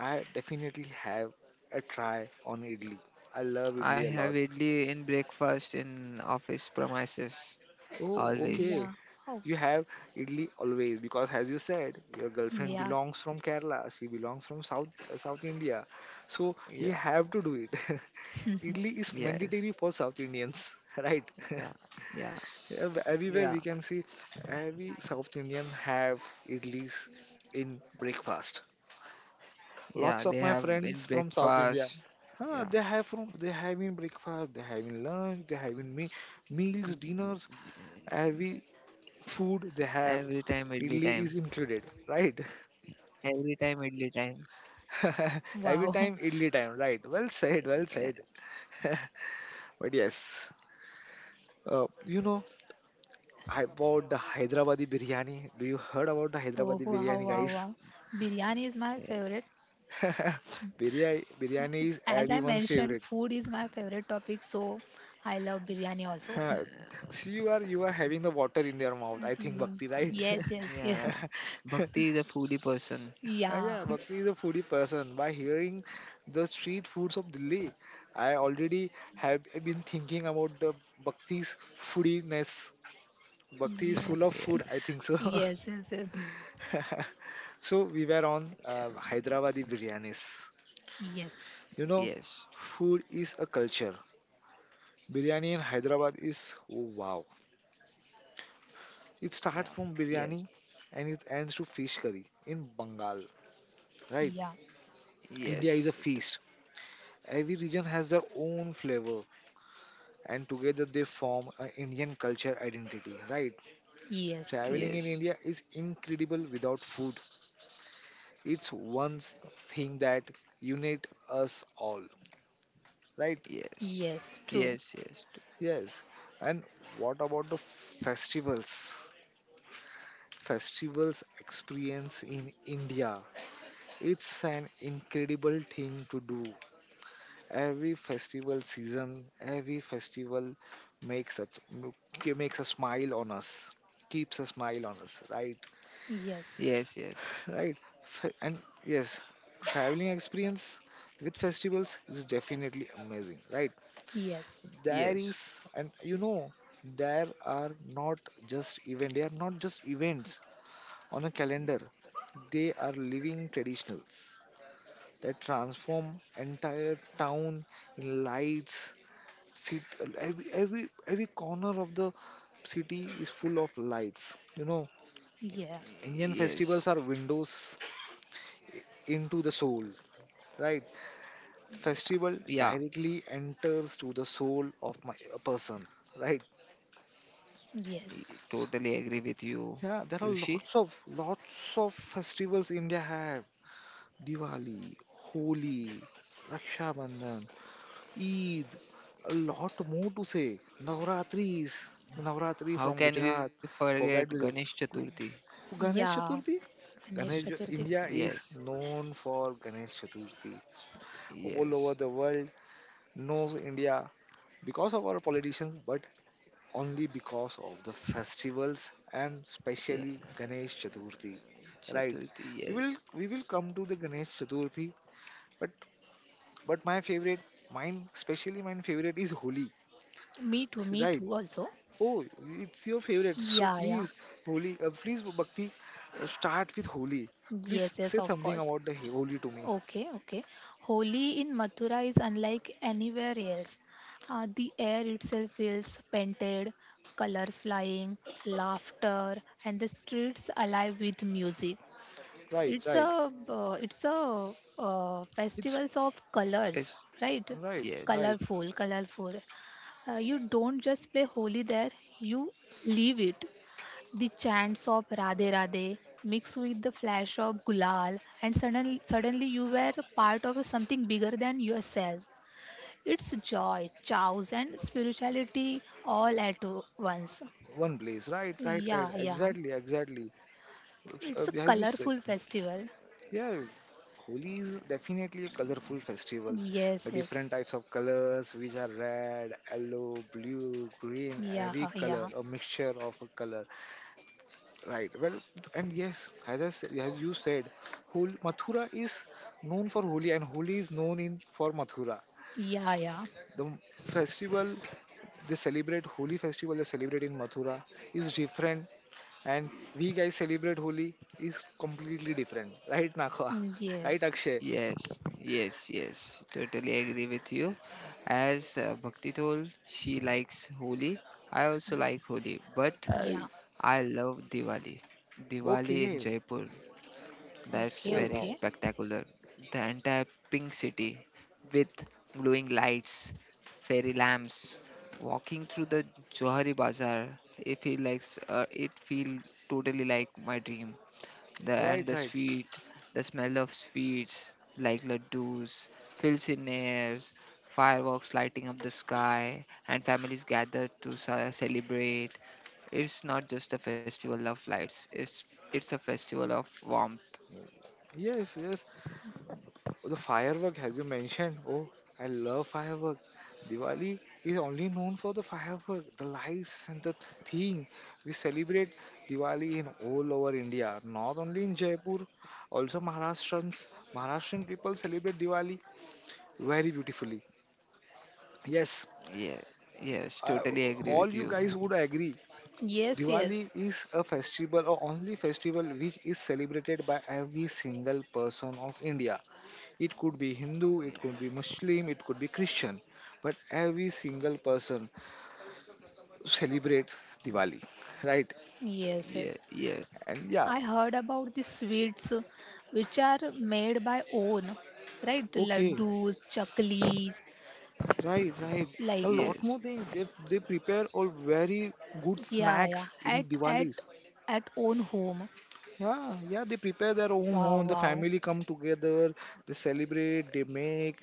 [SPEAKER 1] I definitely have a try on idli. I love
[SPEAKER 3] I
[SPEAKER 1] idli a
[SPEAKER 3] have
[SPEAKER 1] lot.
[SPEAKER 3] idli in breakfast in office premises
[SPEAKER 1] Oh,
[SPEAKER 3] always.
[SPEAKER 1] okay.
[SPEAKER 2] Yeah. Wow.
[SPEAKER 1] You have idli always because, as you said, your girlfriend
[SPEAKER 2] Yeah.
[SPEAKER 1] belongs from Kerala. She belongs from South South India, so you
[SPEAKER 3] Yeah,
[SPEAKER 1] have to do it. Idli is
[SPEAKER 3] yes,
[SPEAKER 1] mandatory for South Indians, right?
[SPEAKER 3] yeah, yeah,
[SPEAKER 1] Yeah, w- everywhere
[SPEAKER 3] yeah,
[SPEAKER 1] we can see every South Indian have idlis in breakfast.
[SPEAKER 3] yeah.
[SPEAKER 1] Lots
[SPEAKER 3] They
[SPEAKER 1] of my
[SPEAKER 3] have in
[SPEAKER 1] friends from South India,
[SPEAKER 3] breakfast.
[SPEAKER 1] huh,
[SPEAKER 3] Yeah.
[SPEAKER 1] they have from they have in breakfast, they have in lunch, they have in me meals, dinners, every food they have.
[SPEAKER 3] Every time idli
[SPEAKER 1] Idli
[SPEAKER 3] time.
[SPEAKER 1] is included, right?
[SPEAKER 3] Every time idli time.
[SPEAKER 1] Every
[SPEAKER 2] Wow.
[SPEAKER 1] time idli time, right? Well said, well
[SPEAKER 3] Yeah.
[SPEAKER 1] said. But yes, uh, you know about the Hyderabadi biryani. Do you heard about the
[SPEAKER 2] Oh,
[SPEAKER 1] Hyderabadi
[SPEAKER 2] wow,
[SPEAKER 1] biryani,
[SPEAKER 2] wow,
[SPEAKER 3] y-
[SPEAKER 1] guys?
[SPEAKER 2] wow. Biryani is my
[SPEAKER 3] Yeah,
[SPEAKER 2] favorite.
[SPEAKER 1] biryani, biryani
[SPEAKER 2] As
[SPEAKER 1] is
[SPEAKER 2] as I
[SPEAKER 1] everyone's
[SPEAKER 2] mentioned,
[SPEAKER 1] favorite.
[SPEAKER 2] food is my favorite topic, so I love biryani also.
[SPEAKER 1] Huh. So you are you are having the water in your mouth. I think
[SPEAKER 2] Mm,
[SPEAKER 1] Bhakti, right?
[SPEAKER 2] yes, yes, yes.
[SPEAKER 3] yeah. Bhakti is a foodie person.
[SPEAKER 1] Uh,
[SPEAKER 2] Yeah.
[SPEAKER 1] yeah, Bhakti is a foodie person. By hearing the street foods of Delhi, I already have been thinking about the Bhakti's foodiness. Bhakti is full
[SPEAKER 2] Yes.
[SPEAKER 1] of food.
[SPEAKER 3] Yes.
[SPEAKER 1] I think so.
[SPEAKER 2] Yes, yes, yes.
[SPEAKER 1] So we were on uh,
[SPEAKER 3] Mm,
[SPEAKER 1] Hyderabadi biryanis.
[SPEAKER 2] Yes.
[SPEAKER 1] You know,
[SPEAKER 3] Yes.
[SPEAKER 1] food is a culture. Biryani in Hyderabad is oh, wow. It
[SPEAKER 3] Yeah.
[SPEAKER 1] starts from
[SPEAKER 3] Yes.
[SPEAKER 1] biryani and it ends to fish curry in Bengal, right?
[SPEAKER 2] Yeah.
[SPEAKER 1] India is
[SPEAKER 3] Yes.
[SPEAKER 1] a
[SPEAKER 3] t-
[SPEAKER 1] feast. Every region has their own flavor and together they form an Indian culture identity, right?
[SPEAKER 2] Yes, true.
[SPEAKER 1] Traveling in
[SPEAKER 3] Yes.
[SPEAKER 1] India is incredible without food. It's one s- thing that unite us all, right?
[SPEAKER 3] Yes.
[SPEAKER 2] Yes, true.
[SPEAKER 3] Yes. Yes. t-
[SPEAKER 1] Yes. And what about the festivals? Festivals experience in India. It's an incredible thing to do every festival season, every festival makes a makes a smile on us, keeps a smile on us, right?
[SPEAKER 2] Yes.
[SPEAKER 3] Yes. Yes.
[SPEAKER 1] Right. Fe- And yes, traveling experience with festivals is definitely amazing, right?
[SPEAKER 2] Yes.
[SPEAKER 1] There
[SPEAKER 3] Yes.
[SPEAKER 1] is, and you know, there are not just event. They are not just events on a calendar. They are living traditionals that transform entire town in lights City, every every every corner of the city is full of lights. You know,
[SPEAKER 2] Yeah.
[SPEAKER 1] Indian festivals
[SPEAKER 3] Yes.
[SPEAKER 1] are windows into the soul, right?
[SPEAKER 3] Yeah.
[SPEAKER 1] Festival
[SPEAKER 3] Yeah.
[SPEAKER 1] directly enters to the soul of my a person, right?
[SPEAKER 2] Yes.
[SPEAKER 3] y- Totally agree with you,
[SPEAKER 1] Yeah, there are
[SPEAKER 3] Rishi.
[SPEAKER 1] lots of lots of festivals India have. Diwali, Holi, Raksha Bandhan, Eid, a lot more to say. Navratris, Navratri
[SPEAKER 3] How
[SPEAKER 1] from
[SPEAKER 3] can we
[SPEAKER 1] Gujarat,
[SPEAKER 3] forget
[SPEAKER 1] forget
[SPEAKER 3] Ganesh
[SPEAKER 1] Gujarat.
[SPEAKER 3] Chaturthi?
[SPEAKER 1] Ganesh
[SPEAKER 2] Yeah.
[SPEAKER 1] Chaturthi.
[SPEAKER 2] Ganesh
[SPEAKER 1] Ganesh
[SPEAKER 2] Chaturthi.
[SPEAKER 1] India is
[SPEAKER 3] Yes.
[SPEAKER 1] known for Ganesh Chaturthi all over
[SPEAKER 3] Yes.
[SPEAKER 1] the world, knows India because of our politicians, but only because of the festivals and
[SPEAKER 3] Yeah.
[SPEAKER 1] especially Ganesh Chaturthi. Right?
[SPEAKER 3] Chaturthi.
[SPEAKER 1] We will
[SPEAKER 3] Yes.
[SPEAKER 1] we will come to the Ganesh Chaturthi, but but my favorite, mine especially mine favorite is Holi.
[SPEAKER 2] Me too,
[SPEAKER 1] So,
[SPEAKER 2] me
[SPEAKER 1] right?
[SPEAKER 2] too also.
[SPEAKER 1] Oh, it's your favorite. So
[SPEAKER 2] Yeah, yeah.
[SPEAKER 1] please, Holi, uh, please, Bhakti, uh, start with Holi. Please
[SPEAKER 2] Yes, yes,
[SPEAKER 1] say
[SPEAKER 2] of
[SPEAKER 1] something
[SPEAKER 2] course.
[SPEAKER 1] about the Holi to me.
[SPEAKER 2] Okay, okay. Holi in Mathura is unlike anywhere else. Uh, the air itself feels painted, colors flying, laughter, and the streets alive with music.
[SPEAKER 1] Right,
[SPEAKER 2] It's a
[SPEAKER 1] right.
[SPEAKER 2] uh, it's a uh,
[SPEAKER 1] It's
[SPEAKER 2] festivals of colors,
[SPEAKER 3] Yes,
[SPEAKER 2] right?
[SPEAKER 1] right, right.
[SPEAKER 3] yes,
[SPEAKER 2] Colorful, colorful. Uh, you don't just play Holi there, you live it. The chants of Radhe Radhe mixed with the flash of Gulal, and suddenly, suddenly you were a part of something bigger than yourself. It's joy, chows, and spirituality all at once.
[SPEAKER 1] One place. Right, right, right.
[SPEAKER 2] Yeah, yeah.
[SPEAKER 1] Exactly, exactly. Oops,
[SPEAKER 2] It's
[SPEAKER 1] Uh,
[SPEAKER 2] a
[SPEAKER 1] as you said,
[SPEAKER 2] colorful festival.
[SPEAKER 1] yeah, Holi is definitely a colorful festival. The
[SPEAKER 2] Yes, yes.
[SPEAKER 1] different types of colors, which are red, yellow, blue, green,
[SPEAKER 2] Yeah,
[SPEAKER 1] every color,
[SPEAKER 2] yeah,
[SPEAKER 1] a mixture of a color. Right. Well, and yes, as I, s- as you said, Hol Mathura is known for Holi, and Holi is known in for Mathura.
[SPEAKER 2] yeah, yeah.
[SPEAKER 1] The m- festival they celebrate Holi festival they celebrate in Mathura is different, and we guys celebrate Holi is completely different. Right, Nakwa?
[SPEAKER 2] Mm,
[SPEAKER 1] Right,
[SPEAKER 2] yes,
[SPEAKER 1] Akshay?
[SPEAKER 3] yes, yes, yes. Totally agree with you. As uh, Bhakti told, she likes Holi. I also like Holi, but
[SPEAKER 1] I,
[SPEAKER 2] yeah.
[SPEAKER 3] I love Diwali. Diwali in
[SPEAKER 1] okay.
[SPEAKER 3] Jaipur, that's
[SPEAKER 2] Okay,
[SPEAKER 1] Oh
[SPEAKER 3] very
[SPEAKER 2] okay.
[SPEAKER 1] wow.
[SPEAKER 3] spectacular. The entire pink city with glowing lights, fairy lamps, walking through the Johari Bazaar. It feel like uh, it feel totally like my dream. The and
[SPEAKER 1] Right,
[SPEAKER 3] the
[SPEAKER 1] right.
[SPEAKER 3] sweet, the smell of sweets like laddus fills in airs, fireworks lighting up the sky, and families gather to ce- celebrate. It's not just a festival of lights. It's it's a festival of warmth.
[SPEAKER 1] Yes, yes. The firework, as you mentioned, oh, I love firework. Diwali is only known for the firework, the lights, and the thing. We celebrate Diwali in all over India, not only in Jaipur, also Maharashtrians. Maharashtrian people celebrate Diwali very beautifully. Yes,
[SPEAKER 3] Yeah, yes,
[SPEAKER 1] uh,
[SPEAKER 3] totally agree
[SPEAKER 1] all
[SPEAKER 3] with
[SPEAKER 1] you
[SPEAKER 3] you.
[SPEAKER 1] guys would agree
[SPEAKER 2] Yes, yes,
[SPEAKER 1] Diwali is a festival or only festival which is celebrated by every single person of India. It could be
[SPEAKER 3] Yeah,
[SPEAKER 1] Hindu, it could be Muslim, it could be Christian, but every single person celebrates Diwali, right?
[SPEAKER 2] yes,
[SPEAKER 3] yeah,
[SPEAKER 2] yes.
[SPEAKER 3] yeah,
[SPEAKER 1] And yeah,
[SPEAKER 2] I heard about the sweets uh, which are made by own, right?
[SPEAKER 1] okay,
[SPEAKER 2] Laddus, chaklis,
[SPEAKER 1] right, right. A
[SPEAKER 2] like uh,
[SPEAKER 1] lot
[SPEAKER 3] yes.
[SPEAKER 1] more things they, they prepare all very good
[SPEAKER 2] yeah, yeah.
[SPEAKER 1] snacks in
[SPEAKER 2] At at
[SPEAKER 1] Diwali's.
[SPEAKER 2] at own home.
[SPEAKER 1] Yeah, yeah, they prepare their own
[SPEAKER 2] Wow,
[SPEAKER 1] home. The
[SPEAKER 2] wow,
[SPEAKER 1] family come together, they celebrate, they make,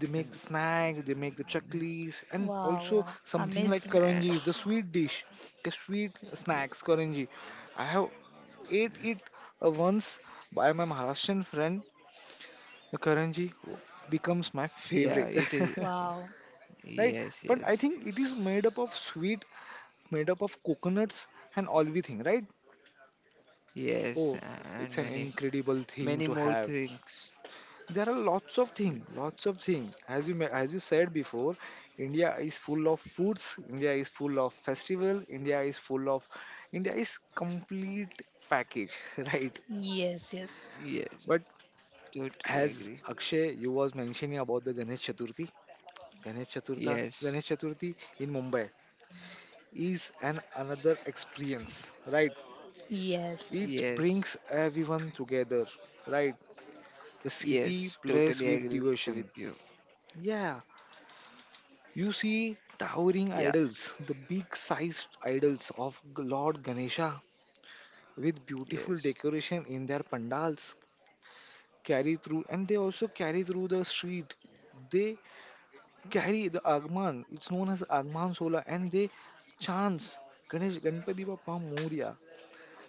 [SPEAKER 1] they make
[SPEAKER 3] And,
[SPEAKER 1] the snack, they make the chaklis, and
[SPEAKER 2] wow,
[SPEAKER 1] also
[SPEAKER 2] wow.
[SPEAKER 1] something like
[SPEAKER 2] Amazing.
[SPEAKER 3] uh,
[SPEAKER 1] karanji, the sweet dish, the sweet
[SPEAKER 3] y-
[SPEAKER 1] snacks, karanji. I have ate it uh, once by my Maharashtrian friend. The karanji becomes my
[SPEAKER 3] yeah,
[SPEAKER 1] favorite,
[SPEAKER 3] it is.
[SPEAKER 2] Wow.
[SPEAKER 1] right?
[SPEAKER 3] Yes,
[SPEAKER 1] But I
[SPEAKER 3] yes,
[SPEAKER 1] think it is made up of sweet, made up of coconuts and all we think, right?
[SPEAKER 3] yes,
[SPEAKER 1] Oh,
[SPEAKER 2] Yes, yes,
[SPEAKER 3] and
[SPEAKER 1] it's an
[SPEAKER 3] many,
[SPEAKER 1] incredible thing
[SPEAKER 3] many
[SPEAKER 1] to
[SPEAKER 3] more
[SPEAKER 1] have.
[SPEAKER 3] things.
[SPEAKER 1] There are lots of things, lots of things. as you ma- as you said before, india is full of foods, india is full of festival, india is full of india is complete package right?
[SPEAKER 2] yes, yes,
[SPEAKER 3] Yes,
[SPEAKER 1] But
[SPEAKER 3] totally
[SPEAKER 1] as
[SPEAKER 3] agree.
[SPEAKER 1] akshay you was mentioning about the ganesh chaturthi, ganesh chaturtha
[SPEAKER 3] Yes,
[SPEAKER 1] ganesh chaturthi in mumbai is an another experience, right?
[SPEAKER 2] yes.
[SPEAKER 1] It
[SPEAKER 3] yes,
[SPEAKER 1] brings everyone together, right? The city
[SPEAKER 3] yes,
[SPEAKER 1] plays
[SPEAKER 3] totally
[SPEAKER 1] with
[SPEAKER 3] agree with you.
[SPEAKER 1] devotion, yeah. You see towering
[SPEAKER 3] Yeah,
[SPEAKER 1] idols, the big sized idols of G- Lord Ganesha with beautiful
[SPEAKER 3] yes,
[SPEAKER 1] decoration in their pandals carry through, and they also carry through the street. They carry the Agman, it's known as Agman Sola, and they chants Ganesh Ganpati Bappa Moria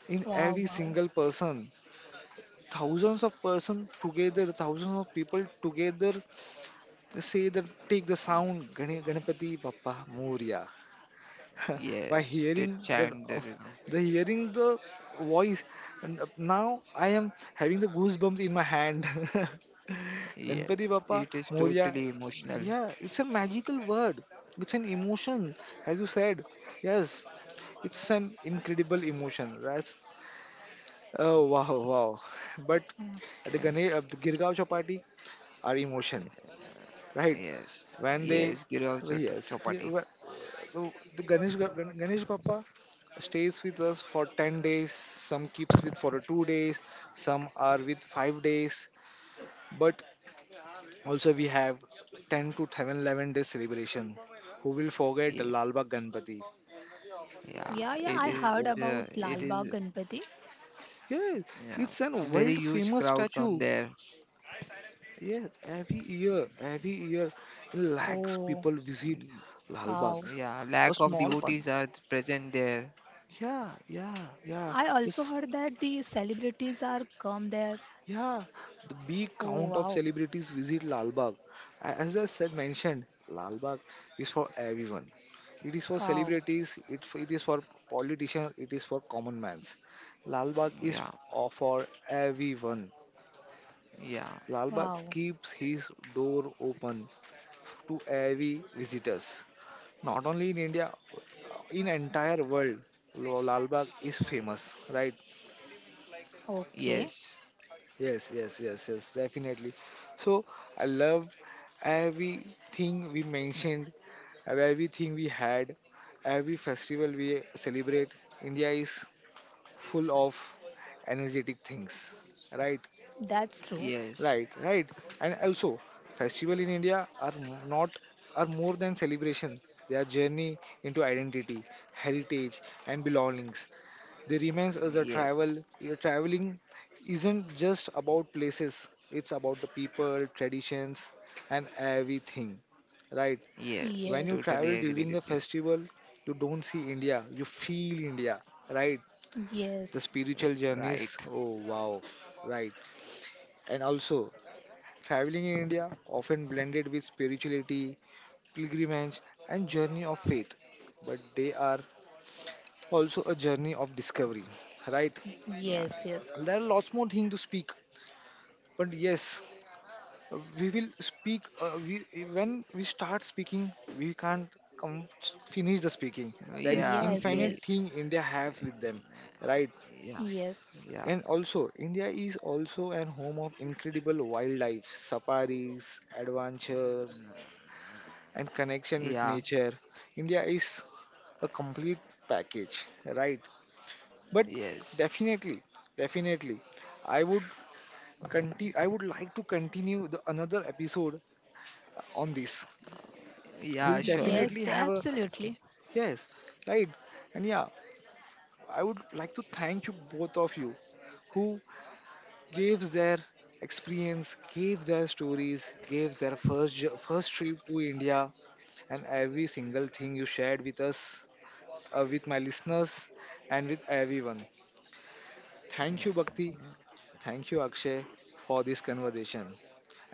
[SPEAKER 1] in
[SPEAKER 2] Wow,
[SPEAKER 1] every
[SPEAKER 2] wow.
[SPEAKER 1] single person. Thousands of person together, thousands of people together say that, take the sound Gane- Ganpati Bappa Moria by
[SPEAKER 3] yes. They
[SPEAKER 1] hearing the
[SPEAKER 3] chant the rhythm.
[SPEAKER 1] the hearing the voice, and now I am having the goosebumps in my hand.
[SPEAKER 3] Yeah,
[SPEAKER 1] Ganpati bappa
[SPEAKER 3] it is
[SPEAKER 1] moria,
[SPEAKER 3] totally emotional.
[SPEAKER 1] yeah, it's a magical word, it's an emotion, as you said, yes, it's an incredible emotion. That's oh wow wow. But
[SPEAKER 2] Mm-hmm.
[SPEAKER 1] at the
[SPEAKER 3] Yeah,
[SPEAKER 1] Ganesh, uh, the girgaon chapati are emotion, right?
[SPEAKER 3] yes,
[SPEAKER 1] When they
[SPEAKER 3] yes. Girav Chot-
[SPEAKER 1] yes yeah,
[SPEAKER 3] Chopati.
[SPEAKER 1] wh- so the Ganesh Gan- Ganesh Bappa stays with us for ten days, some keeps with for two days, some are with five days, but also we have ten to ten eleven days celebration. Who will forget the
[SPEAKER 3] Yeah,
[SPEAKER 1] Lalbagh Ganpati?
[SPEAKER 3] yeah.
[SPEAKER 2] Yeah, yeah, I
[SPEAKER 3] It is
[SPEAKER 2] heard
[SPEAKER 3] a,
[SPEAKER 2] about
[SPEAKER 3] it
[SPEAKER 2] Lal
[SPEAKER 3] is,
[SPEAKER 2] Bagh Ganpati.
[SPEAKER 1] Yeah,
[SPEAKER 3] yeah.
[SPEAKER 1] it's
[SPEAKER 3] A
[SPEAKER 1] an
[SPEAKER 3] very
[SPEAKER 1] world
[SPEAKER 3] huge
[SPEAKER 1] famous
[SPEAKER 3] crowd come
[SPEAKER 1] statue.
[SPEAKER 3] there.
[SPEAKER 1] Yeah, every year, every year, in lakhs
[SPEAKER 2] Oh,
[SPEAKER 1] people visit
[SPEAKER 3] Mm,
[SPEAKER 1] Lalbagh.
[SPEAKER 2] wow.
[SPEAKER 3] Yeah, lack
[SPEAKER 1] A
[SPEAKER 3] of
[SPEAKER 1] small one.
[SPEAKER 3] devotees are present there.
[SPEAKER 1] Yeah, yeah, yeah.
[SPEAKER 2] I also
[SPEAKER 1] This
[SPEAKER 2] heard that the celebrities are come there.
[SPEAKER 1] Yeah, the big
[SPEAKER 2] Oh,
[SPEAKER 1] count of
[SPEAKER 2] wow.
[SPEAKER 1] celebrities visit Lal Bagh. A- As I said mentioned, Lal Bagh is for everyone. It is for
[SPEAKER 2] Wow.
[SPEAKER 1] celebrities, it, f- it is for politicians, it is for common mans. Lal Bagh is
[SPEAKER 3] Yeah,
[SPEAKER 1] o- for everyone.
[SPEAKER 3] yeah.
[SPEAKER 1] Lal Bagh
[SPEAKER 2] Wow.
[SPEAKER 1] keeps his door open to every visitors. Not only in India, uh, in entire world, Lo- Lal Bagh is famous, right?
[SPEAKER 2] Okay.
[SPEAKER 3] Yes,
[SPEAKER 1] Yes, yes, yes, yes, definitely. So I love everything we mentioned, uh, everything we had, every festival we celebrate. India is full of energetic things, right?
[SPEAKER 2] That's true.
[SPEAKER 3] yes,
[SPEAKER 1] Right, right. And also, festival in India are m- not are more than celebration. They are journey into identity, heritage, and belongings. They remains as a
[SPEAKER 3] yes.
[SPEAKER 1] travel. Your traveling isn't just about places; it's about the people, traditions, and everything. Right?
[SPEAKER 3] Yes,
[SPEAKER 1] When you
[SPEAKER 2] Yes.
[SPEAKER 1] travel
[SPEAKER 3] totally
[SPEAKER 1] during
[SPEAKER 3] agree
[SPEAKER 1] the
[SPEAKER 3] with you.
[SPEAKER 1] festival, you don't see India. You feel India. Right? The
[SPEAKER 2] Yes.
[SPEAKER 3] R-
[SPEAKER 1] spiritual journeys.
[SPEAKER 3] Right.
[SPEAKER 1] Oh wow! Right. And also, traveling in India often blended with spirituality, pilgrimage, and journey of faith. But they are also a journey of discovery. Right?
[SPEAKER 3] Yeah.
[SPEAKER 2] Yes, yes.
[SPEAKER 1] There are lots more things to speak, but yes, uh, we will speak uh, we when we start speaking we can't come finish the speaking. There is
[SPEAKER 3] Yeah,
[SPEAKER 2] Yes,
[SPEAKER 1] infinite
[SPEAKER 3] we
[SPEAKER 2] yes.
[SPEAKER 1] thing india has with them, right?
[SPEAKER 3] yeah,
[SPEAKER 2] Yes.
[SPEAKER 3] yeah.
[SPEAKER 1] And also india is also an home of incredible wildlife safaris, adventure, and connection with
[SPEAKER 3] Yeah.
[SPEAKER 1] nature. India is a complete package, right? But
[SPEAKER 3] Yes.
[SPEAKER 1] definitely, definitely, I would continue I would like to continue the another episode on this.
[SPEAKER 3] Yeah,
[SPEAKER 1] We'll
[SPEAKER 3] sure.
[SPEAKER 1] definitely
[SPEAKER 2] Yes,
[SPEAKER 1] have a
[SPEAKER 2] absolutely.
[SPEAKER 1] yes, right. And yeah, I would like to thank you both of you who gave their experience, gave their stories, gave their first jo- first trip to india, and every single thing you shared with us, uh, with my listeners and with everyone. Thank you
[SPEAKER 3] Yeah,
[SPEAKER 1] bhakti,
[SPEAKER 3] okay.
[SPEAKER 1] thank you akshay, for this conversation.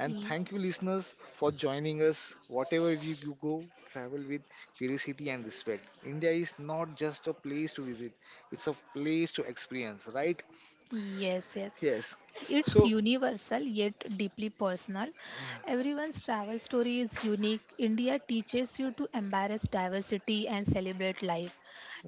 [SPEAKER 1] And
[SPEAKER 2] Y-
[SPEAKER 1] thank you, listeners, for joining us. Whatever you you go, travel with curiosity and respect. India is not just a place to visit, it's a place to experience, right?
[SPEAKER 2] Yes, yes.
[SPEAKER 1] Yes.
[SPEAKER 2] It's
[SPEAKER 1] So,
[SPEAKER 2] universal yet deeply personal. Everyone's travel story is unique. India teaches you to embrace diversity and celebrate life.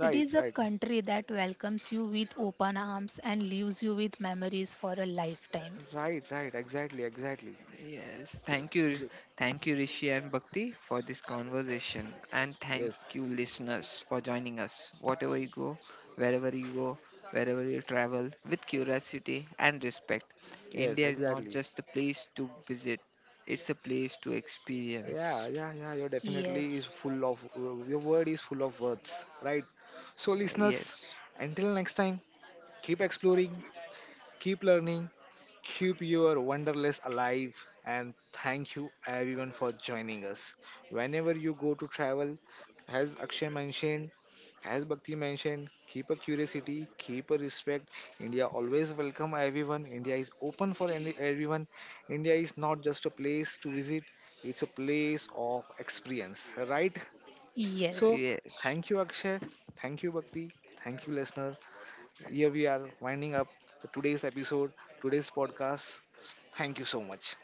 [SPEAKER 2] It is a
[SPEAKER 1] right,
[SPEAKER 2] country that welcomes you with open arms and leaves you with memories for a lifetime.
[SPEAKER 1] right, right, exactly, exactly.
[SPEAKER 3] Yes. Thank you.
[SPEAKER 1] Exa-
[SPEAKER 3] Thank you, Rishi and Bhakti, for this conversation, and thank
[SPEAKER 1] Yes,
[SPEAKER 3] you, listeners, for joining us. Whatever you go, wherever you go, wherever you travel with curiosity and respect.
[SPEAKER 1] yes,
[SPEAKER 3] India is not
[SPEAKER 1] exactly.
[SPEAKER 3] just a place to visit. It's a place to experience.
[SPEAKER 1] Yeah, yeah, yeah, you're definitely
[SPEAKER 2] Yes,
[SPEAKER 1] is full of, your word is full of words, right? So,
[SPEAKER 3] Yeah,
[SPEAKER 1] listeners,
[SPEAKER 3] yes.
[SPEAKER 1] until next time, keep exploring, keep learning, keep your wanderlust alive, and thank you everyone for joining us. Whenever you go to travel, as Akshay mentioned, as Bhakti mentioned, keep a curiosity, keep a respect. India always welcome everyone. India is open for any, everyone. India is not just a place to visit; it's a place of experience, right? So,
[SPEAKER 2] yes.
[SPEAKER 3] Yes.
[SPEAKER 1] thank you, Akshay. Thank you, Bhakti. Thank you, listener. Here we are winding up the today's episode, today's podcast. Thank you so much.